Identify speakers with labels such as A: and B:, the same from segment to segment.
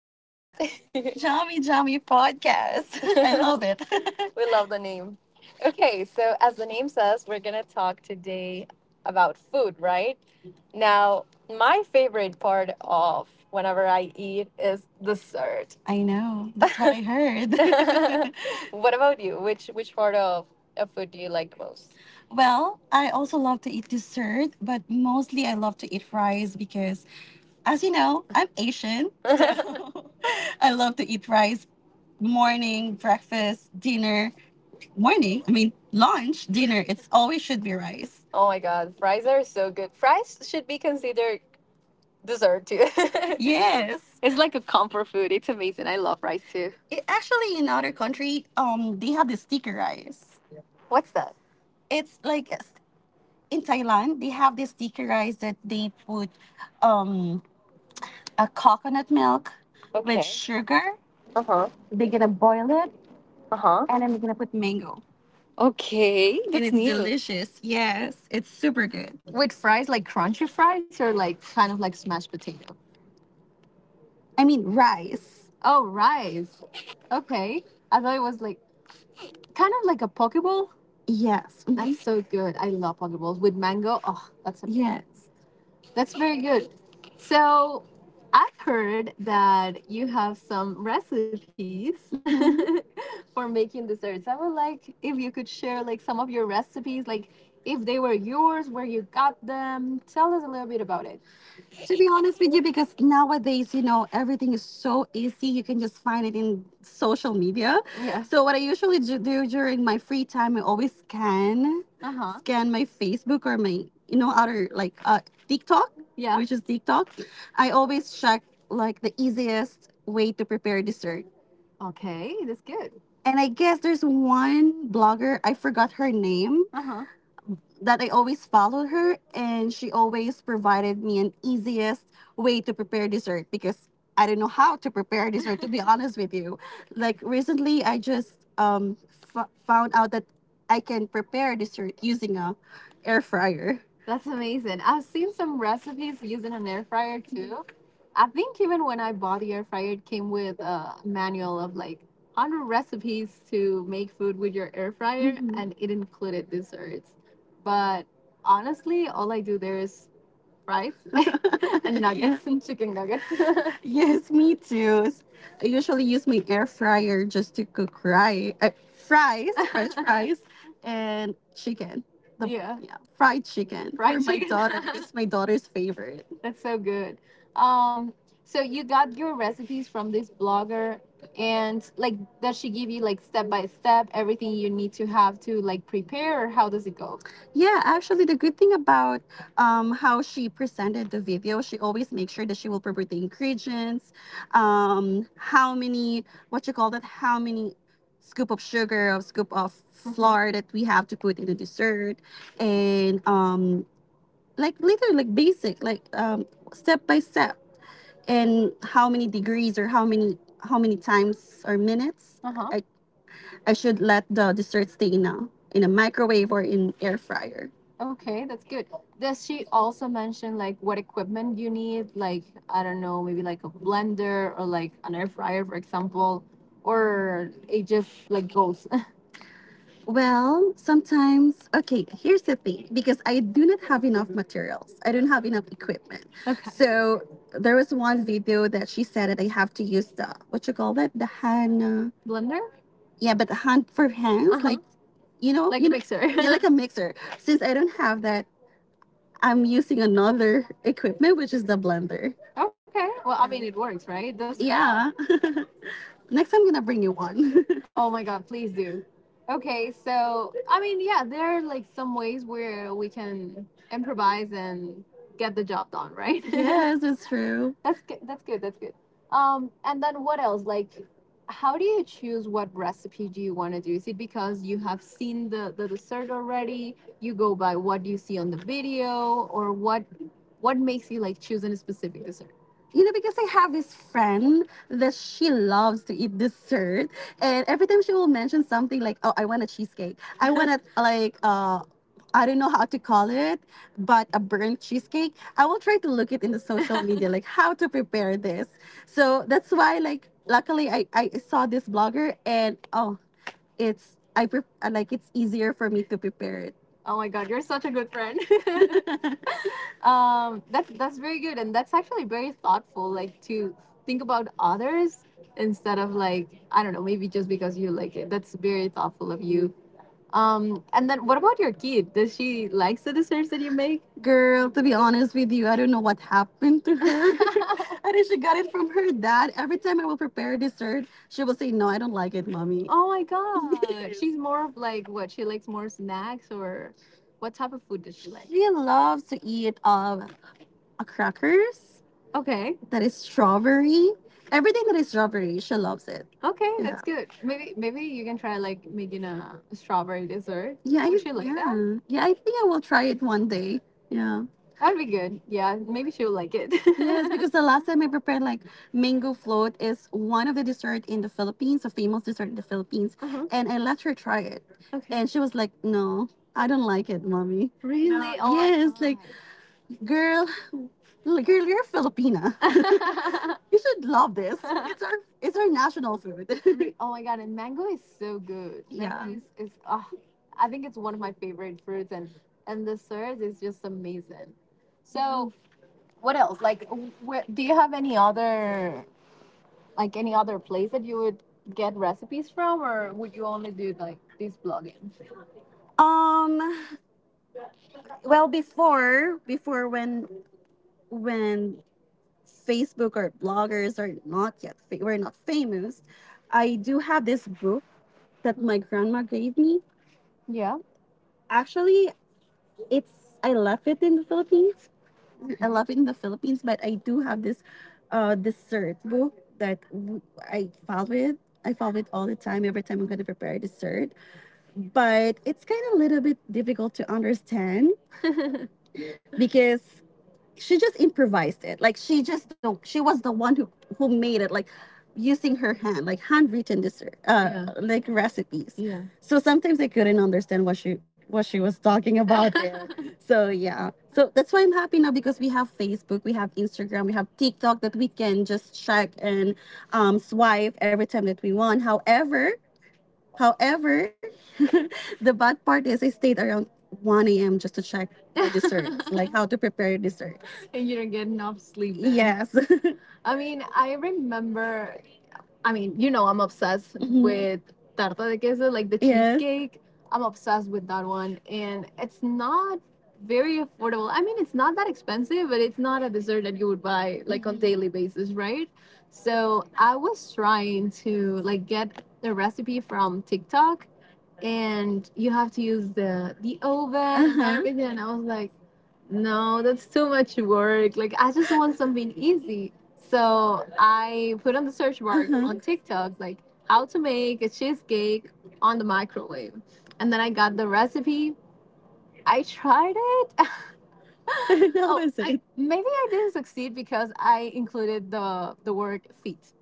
A: podcast. Jammy Jammy podcast. I love it. We love the name. Okay, so as the name says, we're going to talk today about food, right? Now, my favorite part of whenever I eat is dessert. I know. That's what I heard. What about you? Which part of food do you like most? Well, I also love to eat dessert, but mostly I love to eat fries because, as you know, I'm Asian. So I love to eat rice. Morning, breakfast, dinner, morning, I mean, lunch, dinner. It's always should be rice. Oh my god, fries are so good. Fries should be considered dessert too. Yes, it's like a comfort food. It's amazing. I love rice too. It, actually, in other country, they have the sticky rice. What's that? It's like in Thailand, they have this sticky rice that they put um, a coconut milk with. Okay. With sugar. Uh huh. They're gonna boil it. Uh huh. And then they're gonna put mango. Okay. And that's, it's new, delicious. Yes, it's super good. With fries, like crunchy fries or like kind of like smashed potato? I mean rice. Oh, rice. Okay. I thought it was like kind of like a poke bowl. Yes. Mhm. That's so good. I love poke bowls with mango. Oh, that's amazing. Yes. That's very good. So I've heard that you have some recipes hmm for making desserts. I would like if you could share like some of your recipes, like if they were yours, where you got them. Tell us a little bit about it. To be honest with you, because nowadays, you know, everything is so easy. You can just find it in social media. Yeah. So, what I usually do during my free time, I always scan. Uh huh. Scan my Facebook or my, you know, other like TikTok. Yeah, which is TikTok. I always check like the easiest way to prepare dessert. Okay, that's good. And I guess there's one blogger, I forgot her name. Uh huh. That I always followed her and she always provided me an easiest way to prepare dessert because I don't know how to prepare dessert to be honest with you. Like recently I just um found out that I can prepare dessert using a air fryer. That's amazing. I've seen some recipes using an air fryer too. I think even when I bought the air fryer, it came with a manual of like 100 recipes to make food with your air fryer. Mhm. And it included desserts. But honestly, all I do there is fries and nuggets and chicken nuggets. Yes, me too. I usually use my air fryer just to cook fries, French fries, and chicken. The yeah, yeah, fried chicken for fried for my chicken daughter. It's my daughter's favorite. That's so good. Um, so you got your recipes from this blogger, and like, does she give you like step by step everything you need to have to like prepare, or how does it go? Yeah, actually, the good thing about how she presented the video, she always makes sure that she will provide the ingredients, how many, what you call that, how many scoop of sugar or scoop of flour that we have to put in the dessert, and like literally like basic, like, step by step, and how many degrees or how many times or minutes. Uh-huh. I should let the dessert stay in a microwave or in air fryer. Okay, that's good. Does she also mention like what equipment you need? Like I don't know, maybe like a blender or like an air fryer, for example, or it just like goes. Well, sometimes, okay, here's the thing, because I do not have enough materials, I don't have enough equipment. Okay. So there was one video that she said that I have to use the, what you call that, the hand, Blender? Yeah, but the hand for. Hands, huh. Like, you know, like you a know, mixer. Yeah, like a mixer. Since I don't have that, I'm using another equipment, which is the blender. Okay. Well, I mean, it works, right? Those. Yeah. Next time I'm gonna bring you one. Oh my god, please do. Okay, so I mean, yeah, there are like some ways where we can improvise and get the job done, right? Yes, it's true. That's good. That's good. That's good. And then what else? Like, how do you choose what recipe do you want to do? Is it because you have seen the dessert already? You go by what you see on the video, or what makes you like choosing a specific dessert? You know, because I have this friend that she loves to eat dessert, and every time she will mention something like, oh, I want a cheesecake, I want a like I don't know how to call it, but a burnt cheesecake. I will try to look it in the social media, like how to prepare this. So that's why, like, luckily I saw this blogger and oh, it's I pre- like it's easier for me to prepare it. Oh my god, you're such a good friend. That's very good, and that's actually very thoughtful, like to think about others instead of like, I don't know, maybe just because you like it. That's very thoughtful of you. And then what about your kid? Does she likes the desserts that you make? Girl, to be honest with you, I don't know what happened to her. I think she got it from her dad. Every time I will prepare dessert, she will say, no, I don't like it, mommy. Oh my god. Yes. She's more of like what? She likes more snacks or what type of food does she like? She loves to eat a crackers. Okay. That is strawberry. Everything that is strawberry, she loves it. Okay, yeah, that's good. Maybe maybe you can try like making a strawberry dessert. Yeah, I, would I, she like, yeah, that? Yeah, I think I will try it one day. Yeah. That'd be good. Yeah, maybe she'll like it. Yes, because the last time I prepared like mango float, is one of the dessert in the Philippines, a famous dessert in the Philippines. Uh-huh. And I let her try it. Okay. And she was like, "No, I don't like it, mommy." Really? No. Yes, oh, like, girl, you're Filipina. You should love this. It's our national food. Oh my god, and mango is so good. Mango. Yeah. Is, oh, I think it's one of my favorite fruits, and the syrup is just amazing. So what else? Like, where, do you have any other like any other place that you would get recipes from, or would you only do like this blogging? Um, well, before when Facebook or bloggers are not yet we're not famous. I do have this book that my grandma gave me. Yeah. Actually, it's, I left it in the Philippines. I left it in the Philippines, but I do have this dessert book that I follow it. I follow it all the time. Every time I'm gonna prepare a dessert, but it's kind of a little bit difficult to understand because she just improvised it. Like she just the she was the one who made it. Like using her hand, like handwritten this Yeah. like recipes. Yeah. So sometimes I couldn't understand what she was talking about. So yeah. So that's why I'm happy now because we have Facebook, we have Instagram, we have TikTok that we can just check and swipe every time that we want. However. However. The bad part is I stayed around 1 a.m. just to check the desserts, like how to prepare desserts. And you don't get enough sleep then. Yes. I mean, I remember, I mean, you know, I'm obsessed, mm-hmm, with tarta de queso, like the, yes, cheesecake. Yes. I'm obsessed with that one, and it's not very affordable. I mean, it's not that expensive, but it's not a dessert that you would buy like on daily basis, right? So I was trying to like get the recipe from TikTok, and you have to use the oven. Uh-huh. And everything. And I was like, no, that's too much work. Like I just want something easy. So I put on the search bar, uh-huh, on TikTok like how to make a cheesecake on the microwave. And then I got the recipe. I tried it. How oh, is I it? Maybe I didn't succeed because I included the word fit.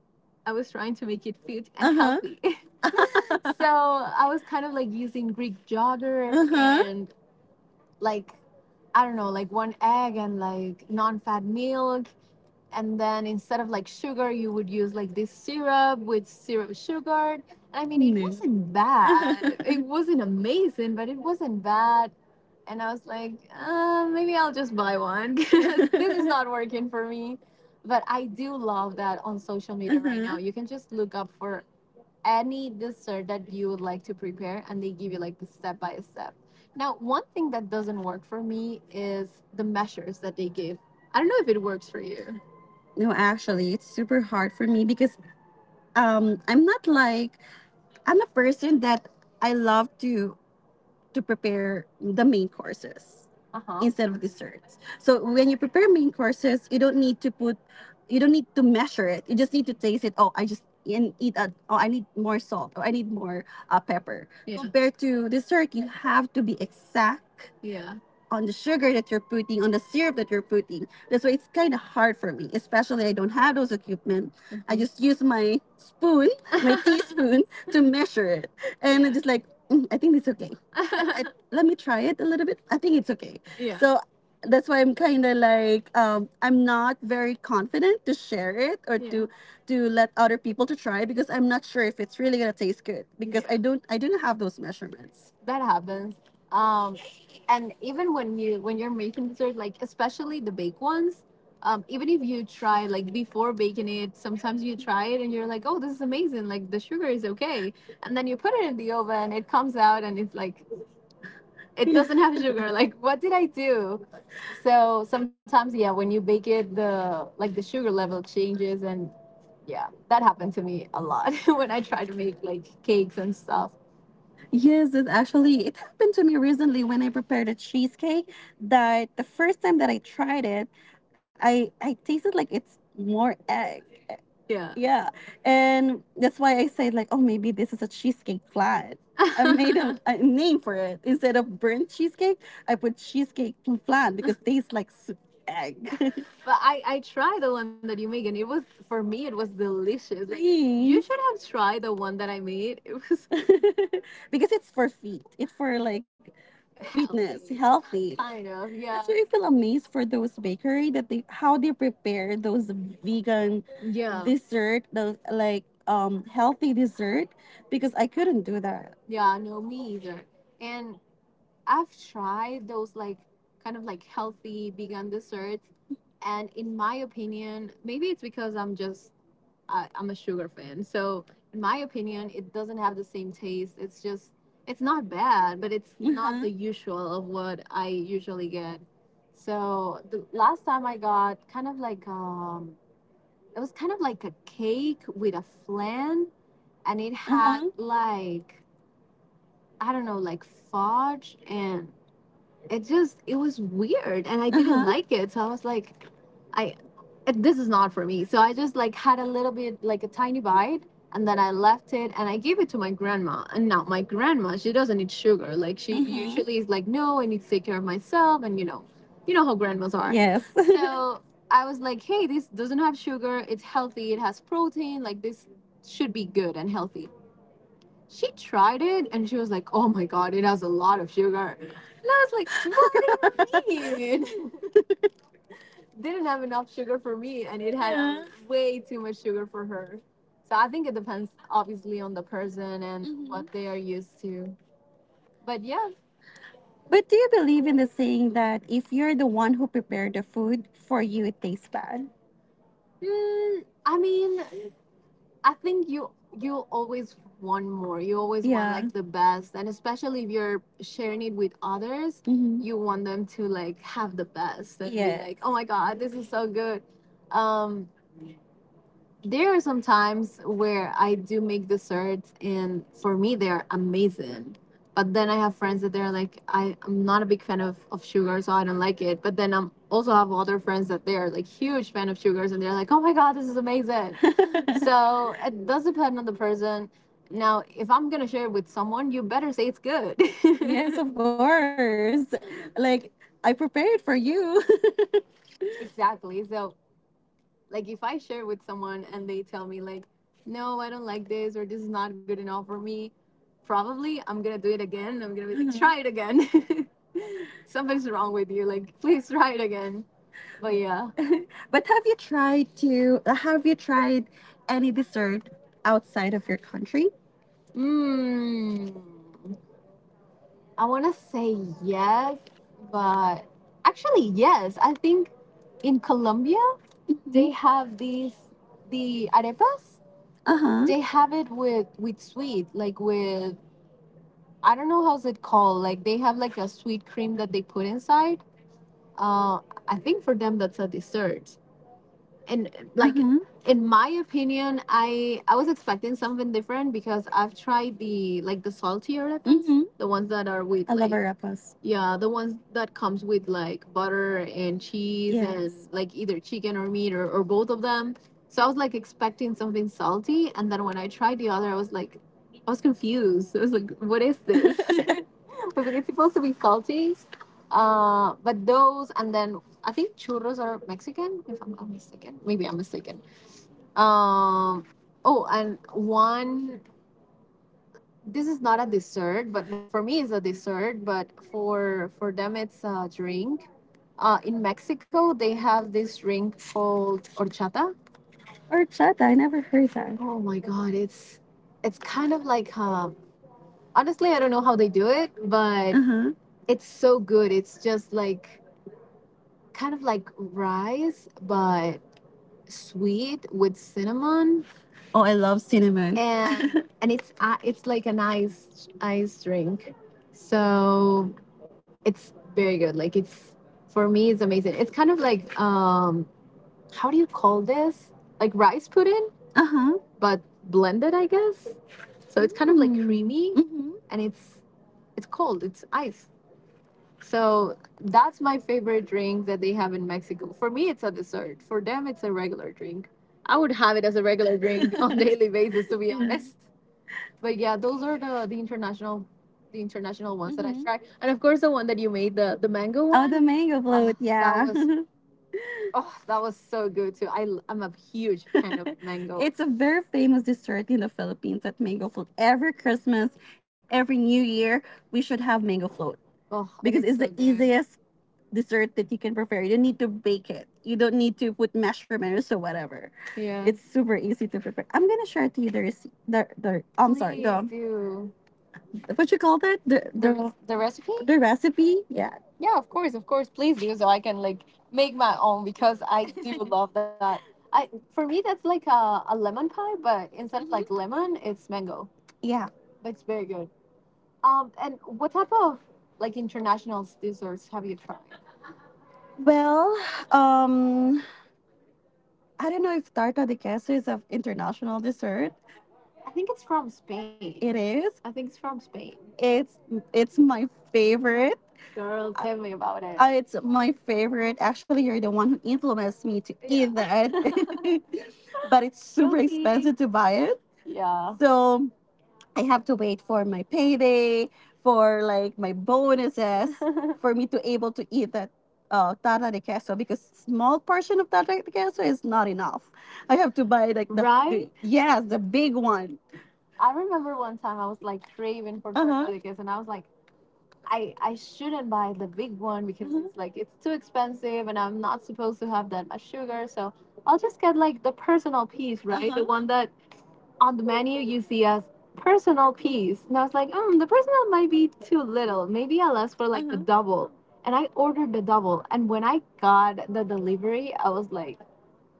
A: I was trying to make it fit and, Uh-huh, healthy. So I was kind of like using Greek yogurt, uh-huh, and like I don't know, like one egg and like non-fat milk, and then instead of like sugar, you would use like this syrup with syrup sugar. I mean, it, No, wasn't bad. It wasn't amazing, but it wasn't bad. And I was like, maybe I'll just buy one because this is not working for me. But I do love that on social media, mm-hmm, right, Mhm, now. You can just look up for any dessert that you would like to prepare, and they give you like the step by step. Now, one thing that doesn't work for me is the measures that they give. I don't know if it works for you. No, actually, it's super hard for me because I'm not like I'm a person that I love to prepare the main courses, Uh-huh, instead of desserts. So when you prepare main courses, you don't need to put, you don't need to measure it. You just need to taste it. Oh, I just and eat a, oh I need more salt. Oh, I need more pepper. Yeah. Compared to dessert, you have to be exact, Yeah, on the sugar that you're putting, on the syrup that you're putting. That's why it's kind of hard for me, especially I don't have those equipment. Mm-hmm. I, Mhm, just use my spoon, my teaspoon, to measure it. And yeah, I'm just like, "Mm, I think it's okay. I, I, let me try it a little bit. I think it's okay, yeah." So that's why I'm kind of like, I'm not very confident to share it, or Yeah, to let other people to try, because I'm not sure if it's really gonna taste good because, Yeah, I don't have those measurements. That happens, um and even when you're making dessert, like especially the baked ones, even if you try like before baking it, sometimes you try it and you're like, oh, this is amazing, like the sugar is okay. And then you put it in the oven, it comes out and it's like it doesn't have sugar, like what did I do? So sometimes, yeah, when you bake it, the like the sugar level changes. And yeah, that happened to me a lot when I try to make like cakes and stuff. Yes, it actually it happened to me recently when I prepared a cheesecake, that the first time that I tried it, I tasted like it's more egg. Yeah. Yeah. And that's why I said like, oh, maybe this is a cheesecake flat. I made a, a name for it instead of burnt cheesecake. I put cheesecake flat because it tastes like egg. But I tried the one that you make, and it was, for me it was delicious. Like, you should have tried the one that I made. It was because it's for feet. It's for like fitness, healthy. Kind of, yeah. So I feel amazed for those bakery that they how they prepare those vegan, Yeah, dessert, those like healthy dessert, because I couldn't do that. Yeah, no, me either. And I've tried those like kind of like healthy vegan desserts. And in my opinion, maybe it's because I'm just, I'm a sugar fan. So, in my opinion, it doesn't have the same taste. It's just, it's not bad, but it's, mm-hmm, not the usual of what I usually get. So, the last time I got kind of like, it was kind of like a cake with a flan, and it had, Mhm, like, I don't know, like fudge, and it just, it was weird, and I didn't like it. So, I was like, I this is not for me. So I just like had a little bit, like a tiny bite, and then I left it and I gave it to my grandma. And now my grandma, she doesn't eat sugar. Like she, hmm, usually is like, no, I need to take care of myself, and you know how grandmas are. Yes. So I was like, hey, this doesn't have sugar. It's healthy. It has protein. Like this should be good and healthy. She tried it and she was like, oh my god, it has a lot of sugar. And I was like, what do you mean? didn't have enough sugar for me, and it had, Yeah, way too much sugar for her. So I think it depends obviously on the person and, Mhm, what they are used to. But yeah, but do you believe in the saying that if you're the one who prepared the food, for you it tastes bad? I mean, I think you always want more. You always, yeah, want, Yeah, like the best, and especially if you're sharing it with others, Mm-hmm, you want them to like have the best and, yes, be, Yes, like, "Oh my god, this is so good." Um There are some times where I do make desserts, and for me, they're amazing. But then I have friends that they're like, I'm not a big fan of sugar, so I don't like it. But then I am also have other friends that they are like huge fan of sugars, and they're like, oh my God, this is amazing. So it does depend on the person. Now, if I'm going to share it with someone, you better say it's good. Yes, of course. Like I prepared for you. Exactly. So like if I share with someone and they tell me like, no, I don't like this or this is not good enough for me, probably I'm gonna do it again. I'm gonna be like, Mhm, try it again. Something's wrong with you. Like please try it again. But yeah, but have you tried any dessert outside of your country? mm, I want to say yes, but actually, yes. I think in Colombia, they have these, the arepas, Uh huh, they have it with, sweet, like with, I don't know how's it called. Like they have like a sweet cream that they put inside. Uh, I think for them, that's a dessert, and like, hmm, in my opinion I was expecting something different because I've tried the like the saltier arepas, hmm, the ones that are with, I love like love arepas, yeah, the ones that comes with like butter and cheese, yes, and, Yes, like either chicken or meat, or both of them. So I was like expecting something salty, and then when I tried the other I was like, I was confused, I was like what is this? I was like it's supposed to be salty. But those, and then I think churros are Mexican, if I'm not mistaken. Maybe I'm mistaken. Um, oh, and one. This is not a dessert, but well, for me it's a dessert, but for them it's a drink. In Mexico, they have this drink called horchata. Horchata, I never heard that. Oh my god, it's kind of like Honestly, I don't know how they do it, but, Uh huh, it's so good. It's just like kind of like rice, but sweet with cinnamon, Oh, I love cinnamon, and and it's, it's like an ice drink, so it's very good like it's for me it's amazing, it's kind of like, how do you call this, like rice pudding, Uh huh, but blended I guess. So it's kind of like, Mm, creamy, hmm, and it's cold, it's ice. So that's my favorite drink that they have in Mexico. For me, it's a dessert. For them, it's a regular drink. I would have it as a regular drink on a daily basis, to be Mhm, honest. But yeah, those are the international, the international ones that I've, Mhm, tried, and of course the one that you made, the mango, Oh, one, the mango, Oh, float, that, yeah, was oh, that was so good too. I'm a huge fan of mango. It's a very famous dessert in the Philippines, that mango float. Every Christmas, every New Year, we should have mango float, Oh, and because it's so, the so good, easiest dessert that you can prepare. You don't need to bake it. You don't need to put measurements or whatever. Yeah. It's super easy to prepare. I'm gonna share to you the recipe. The I'm sorry. Please sorry. The do. What you call that? The recipe. Yeah. Yeah, of course, of course. Please do so I can like make my own because I do love that. I For me that's like a lemon pie, but instead of like lemon, it's mango. Yeah. That's very good. And what type of like international desserts have you tried? Well, um, I don't know if tarta de queso is an international dessert. I think it's from Spain. It is. I think it's from Spain. It's my favorite. Girl, tell me about it. It's my favorite. Actually, you're the one who influenced me to, yeah, eat that. But it's super, guilty, expensive to buy it. Yeah. So I have to wait for my payday, for like my bonuses, for me to able to eat that tata de queso, because small portion of tata de queso is not enough. I have to buy like the, right? The, right? Yes, the big one. I remember one time I was like craving for, uh-huh, tortillas, and I was like, I shouldn't buy the big one, because, mhm, it's like it's too expensive, and I'm not supposed to have that much sugar. So I'll just get like the personal piece, right? Uh-huh. The, uh-huh, one that on the menu you see as personal piece. And I was like, the personal might be too little. Maybe I'll ask for like, mm-hmm, the, mhm, double. And I ordered the double. And when I got the delivery, I was like,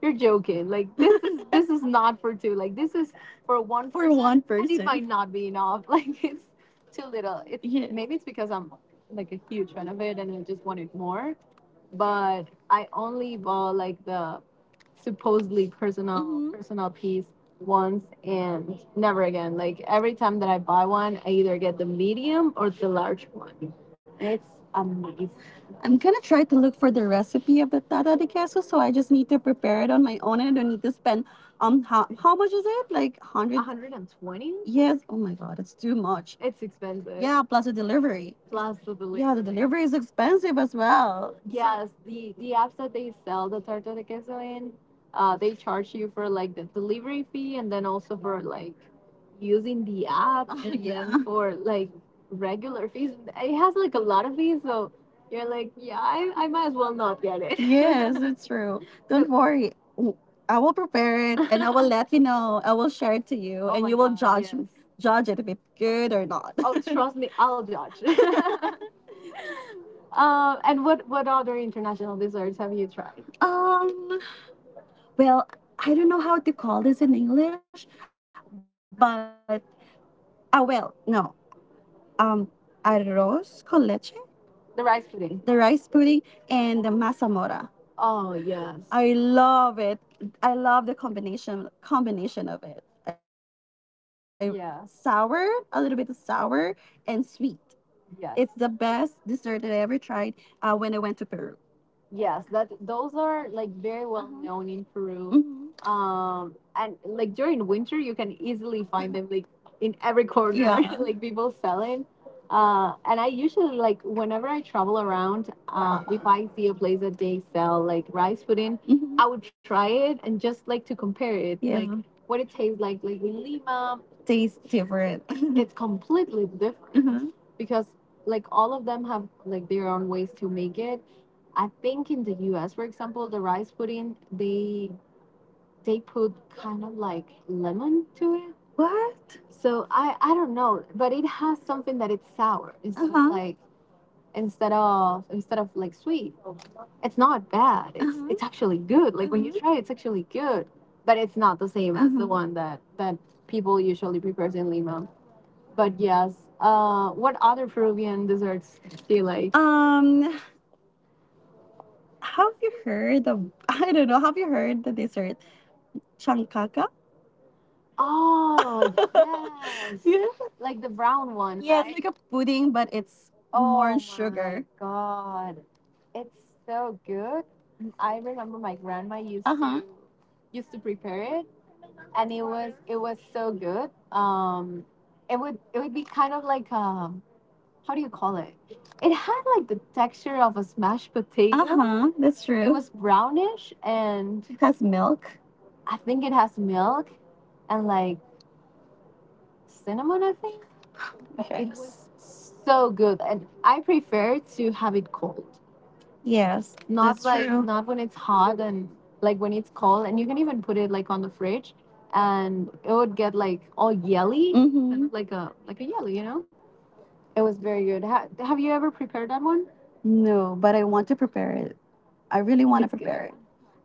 A: you're joking. Like this is this is not for two. Like this is for one. For person. For one person. And it person. Might not be enough. Like it's too little. Yeah. Maybe it's because I'm like a huge fan of it and I just wanted more, but I only bought like the supposedly personal, mm-hmm, personal piece once and never again. Like every time that I buy one, I either get the medium or the large one. It's amazing. I'm gonna try to look for the recipe of the tata de queso, so I just need to prepare it on my own and I don't need to spend, how much is it? Like hundred? 120? Yes. Oh my god, it's too much. It's expensive. Yeah, plus the delivery. Plus the delivery. Yeah, the delivery is expensive as well. Yes, the apps that they sell the torta de queso in, they charge you for like the delivery fee and then also for like using the app. Oh, and yeah, then for like regular fees. It has like a lot of fees, so you're like, yeah, I might as well not get it. Yes, it's true. Don't worry. I will prepare it and I will let you know. I will share it to you. Oh, and my, you will, God, judge, yes, judge it if it's good or not. Oh, trust me, I'll judge. And what other international desserts have you tried? Well, I don't know how to call this in English, but I will. No. Um, Arroz con leche. The rice pudding, and the masamora. Oh yes. I love it. I love the combination of it. Yeah. Sour, a little bit of sour, and sweet. Yes. It's the best dessert that I ever tried, when I went to Peru. Yes, that those are like very well, uh-huh, known in Peru. Mhm. And like during winter, you can easily find them like in every corner. Yeah. Like people selling. And I usually like whenever I travel around, if I see a place that they sell like rice pudding, mhm, I would try it and just like to compare it, yeah, like what it tastes like. Like in Lima, tastes different. It's completely different, mhm, because like all of them have like their own ways to make it. I think in the US, for example, the rice pudding, they put kind of like lemon to it. What? So I don't know, but it has something that it's sour. It's just, uh-huh, like instead of like sweet. It's not bad. It's, uh-huh, it's actually good. Like, uh-huh, when you try it, it's actually good. But it's not the same, uh-huh, as the, uh-huh, one that people usually prepare in Lima. But yes, what other Peruvian desserts do you like? Have you heard of I don't know, have you heard the dessert Chankaka? Oh, yes. Yeah. Like the brown one, yes, right? Like a pudding, but it's more, oh my, sugar, God. It's so good. I remember my grandma used, uh-huh, to, used to prepare it, and it was so good. Um it would be kind of like a, how do you call it? It had like the texture of a smashed potato. Uh huh. That's true. It was brownish and it has milk. I think it has milk and like cinnamon, I think. Okay. It was so good. And I prefer to have it cold. Yes. Not, that's like true, not when it's hot and like when it's cold, and you can even put it like on the fridge and it would get like all yelly. Mm-hmm. Like a yellow, you know? It was very good. Have you ever prepared that one? No, but I want to prepare it. I really want to, it's good, prepare it.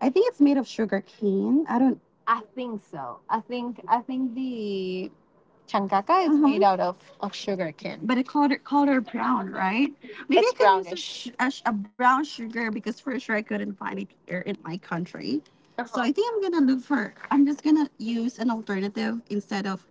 A: I think it's made of sugar cane. I don't. I think so. I think the chancaca is made out of sugar cane. But it color, brown, right? Maybe It's I could use brownish, a brown sugar, because for sure I couldn't find it here in my country. So, uh-huh, I think I'm gonna look for. I'm just gonna use an alternative instead of,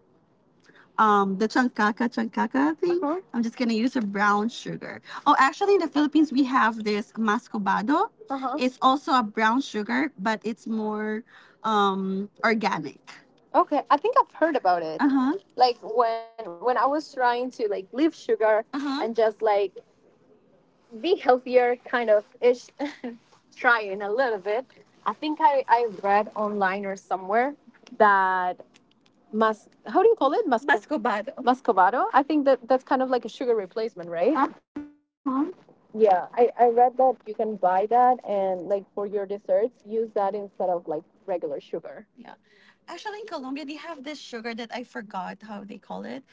A: the chancaca thing. Uh-huh. I'm just gonna use a brown sugar. Oh, actually, in the Philippines we have this mascobado. Uh-huh. It's also a brown sugar, but it's more organic. Okay, I think I've heard about it. Uh huh. Like when I was trying to like leave sugar, uh huh, and just like be healthier kind of ish, trying a little bit. I think I read online or somewhere that, mas how do you call it? Mascobado. Muscovado. I think that's kind of like a sugar replacement, right? Uh-huh. Yeah, I read that you can buy that and like for your desserts, use that instead of like regular sugar. Yeah. Actually, in Colombia, they have this sugar that I forgot how they call it,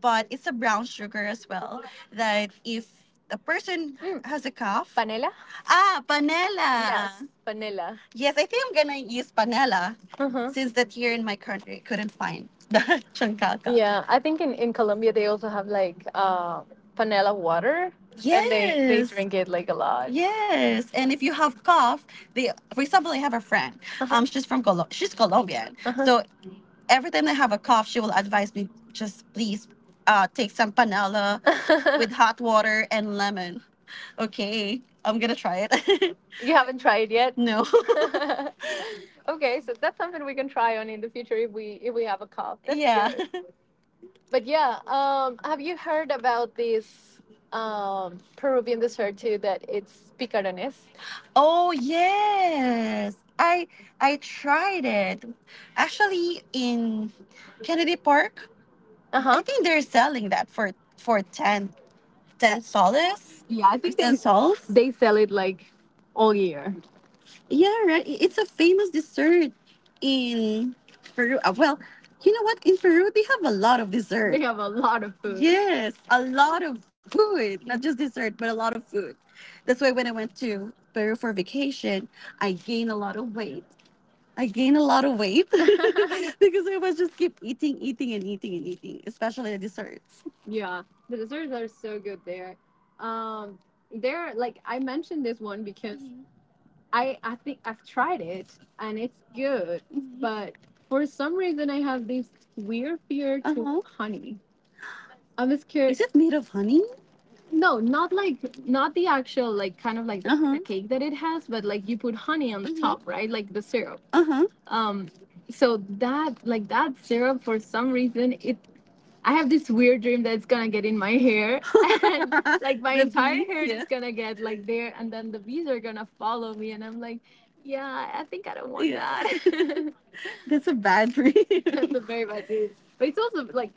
A: but it's a brown sugar as well. That if the person, has a cough, Panela? Panela. Yes, Panela. Yes, I think I'm gonna use panela, uh-huh, since that here in my country I couldn't find the chancalca. Yeah, I think in Colombia they also have like, panela water, yes, and they yes, drink it like a lot. Yes, and if you have cough, they for example, I have a friend. Uh-huh. She's she's Colombian, uh-huh, so every time I have a cough, she will advise me, just please, take some panela with hot water and lemon. Okay, I'm gonna try it. You haven't tried yet. No. Okay, so that's something we can try on in the future if we have a call. That's, yeah, good. But yeah, have you heard about this, Peruvian dessert too? That it's picarones. Oh yes. I tried it. Actually in Kennedy Park, I think they're selling that for ten ten 10 soles. Yeah, I think 10, they soles, they sell it like all year. Yeah, right. It's a famous dessert in Peru. Well, you know what? In Peru, they have a lot of, they, dessert, have a lot of food. Yes, a lot of food. Not just dessert, but a lot of food. That's why when I went to Peru for vacation, I gained a lot of weight. I gained a lot of weight because I was just keep eating, eating, and eating, and eating, especially the desserts. Yeah, the desserts are so good there. Um, there, like I mentioned this one because I think I've tried it and it's good, mhm, but for some reason I have this weird fear to, uh-huh, honey. I'm scared. Is it made of honey? No, not like, not the actual, like kind of like the, uh huh, cake that it has, but like you put honey on the, mhm, top, right? Like the syrup. Uh huh. So that like that syrup for some reason it I have this weird dream that it's gonna get in my hair, and like my entire bees, hair yeah. is gonna get like there, and then the bees are gonna follow me, and I'm like, yeah, I think I don't want, yeah, that. That's a bad dream. That's a very bad dream. But it's also like,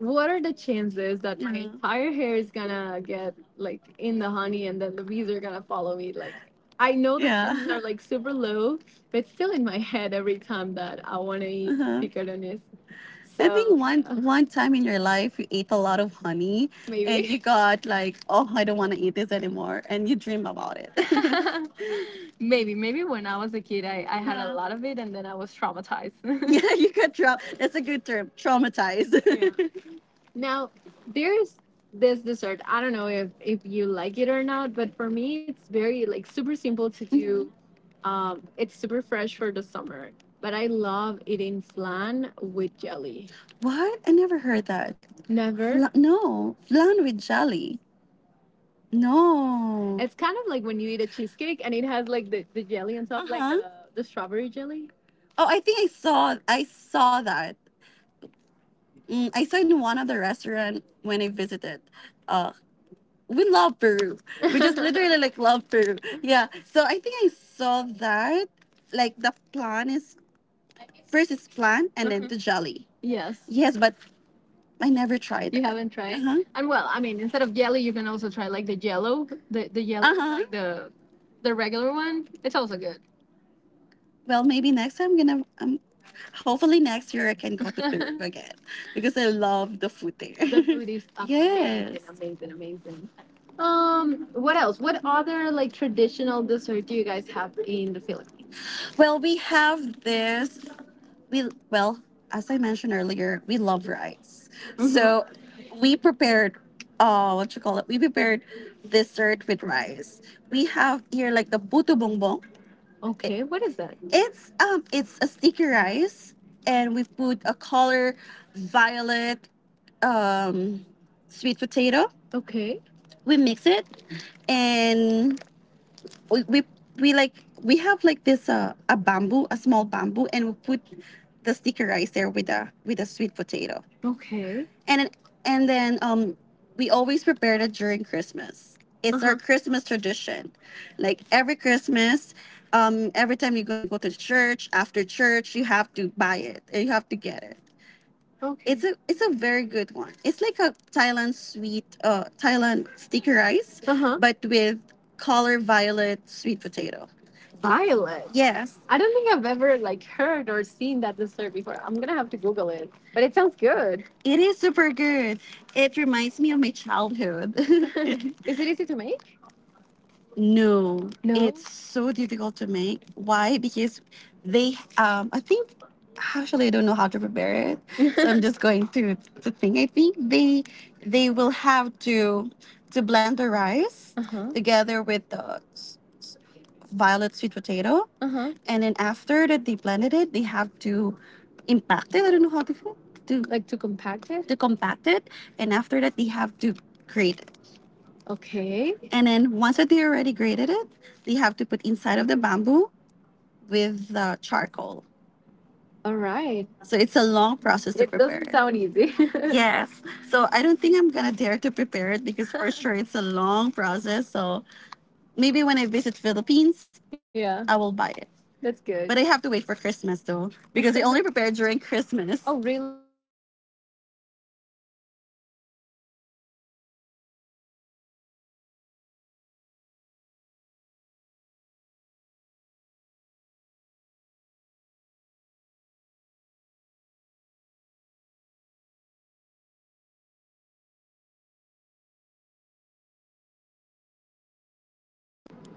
A: what are the chances that my, yeah, entire hair is gonna get like in the honey, and then the bees are gonna follow me? Like, I know the, yeah, chances are like super low, but it's still in my head every time that I want to eat, uh-huh, picadillos. So I think one time in your life you ate a lot of honey maybe, and you got like, oh, I don't want to eat this anymore, and you dream about it. Maybe when I was a kid I had, yeah, a, yeah, lot of it and then I was traumatized. Yeah, you got that's a good term. Traumatized. yeah. Now, there's this dessert. I don't know if you like it or not, but for me, it's very like super simple to do, it's super fresh for the summer, but I love eating flan with jelly. What? I never heard that. Never. No, flan with jelly. No. It's kind of like when you eat a cheesecake and it has like the jelly on top, like, uh-huh, like the strawberry jelly. Oh, I think I saw that. Mm, I saw in one of the restaurant when I visited. Uh, we love Peru. We just literally like love Peru. Yeah. So I think I saw that. Like the flan is first it's plant and then, mm-hmm, the jelly. Yes. Yes, but I never tried You it. Haven't tried? Uh-huh. And well, I mean, instead of jelly, you can also try like the jello, the yellow, uh-huh, like the regular one. It's also good. Well, maybe next time I'm gonna. Hopefully next year I can go to Peru again because I love the food there. The food is yes. amazing, yes, amazing, amazing. What else? What other like traditional dessert do you guys have in the Philippines? Well, we have this, we, well, as I mentioned earlier we love rice, mm-hmm, so we prepared, what you call it, we prepared dessert with rice. We have here like the buto bongbong it. Okay, what is that? It's it's a sticky rice and we put a color violet, um sweet potato. Okay. We mix it, and we we like we have like this a bamboo, a small bamboo, and we put the sticker rice there with the sweet potato. Okay. And then we always prepare it during Christmas. It's our Uh-huh. our Christmas tradition. Like every Christmas, every time you're gonna go to church after church, you have to buy it, you have to get it. Okay. It's a very good one. It's like a Thailand sweet, Thailand sticky rice, uh huh, but with color violet sweet potato. Violet. Yes. I don't think I've ever like heard or seen that dessert before. I'm gonna have to Google it, but it sounds good. It is super good. It reminds me of my childhood. Is it easy to make? No. No? It's so difficult to make. Why? Because they, I think, actually, I don't know how to prepare it, so I'm just going to think. I think they will have to blend the rice, uh-huh, together with the violet sweet potato, uh-huh, and then after that they blended it, they have to impact it. I don't know how to like to compact it? To compact it, and after that they have to grate. Okay. And then once that they already grated it, they have to put inside of the bamboo with the charcoal. All right. So it's a long process to It prepare. Doesn't it. Sound easy. Yes. So I don't think I'm gonna dare to prepare it because for sure it's a long process. So maybe when I visit Philippines, yeah, I will buy it. That's good. But I have to wait for Christmas though because they only prepare during Christmas. Oh, really?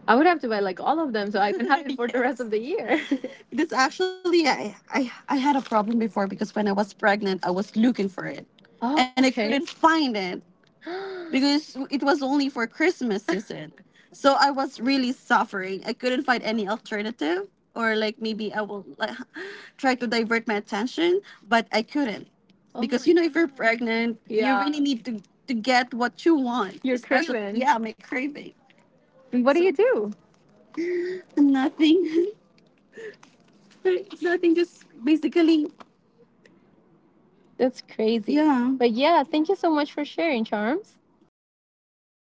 B: I would have to buy like all of them so I can have it for the rest, yes, of the year. That's actually, I had a problem before because when I was pregnant, I was looking for it. Oh, and I, okay, couldn't find it because it was only for Christmas season. So I was really suffering. I couldn't find any alternative, or like maybe I will like, try to divert my attention, but I couldn't. Oh, because my if you're pregnant, you, yeah, really need to get what you want. Your especially craving. Yeah, my craving. And What do so you do? Nothing. Nothing. Just basically. That's crazy. Yeah. But yeah, thank you so much for sharing, Charms. Oh.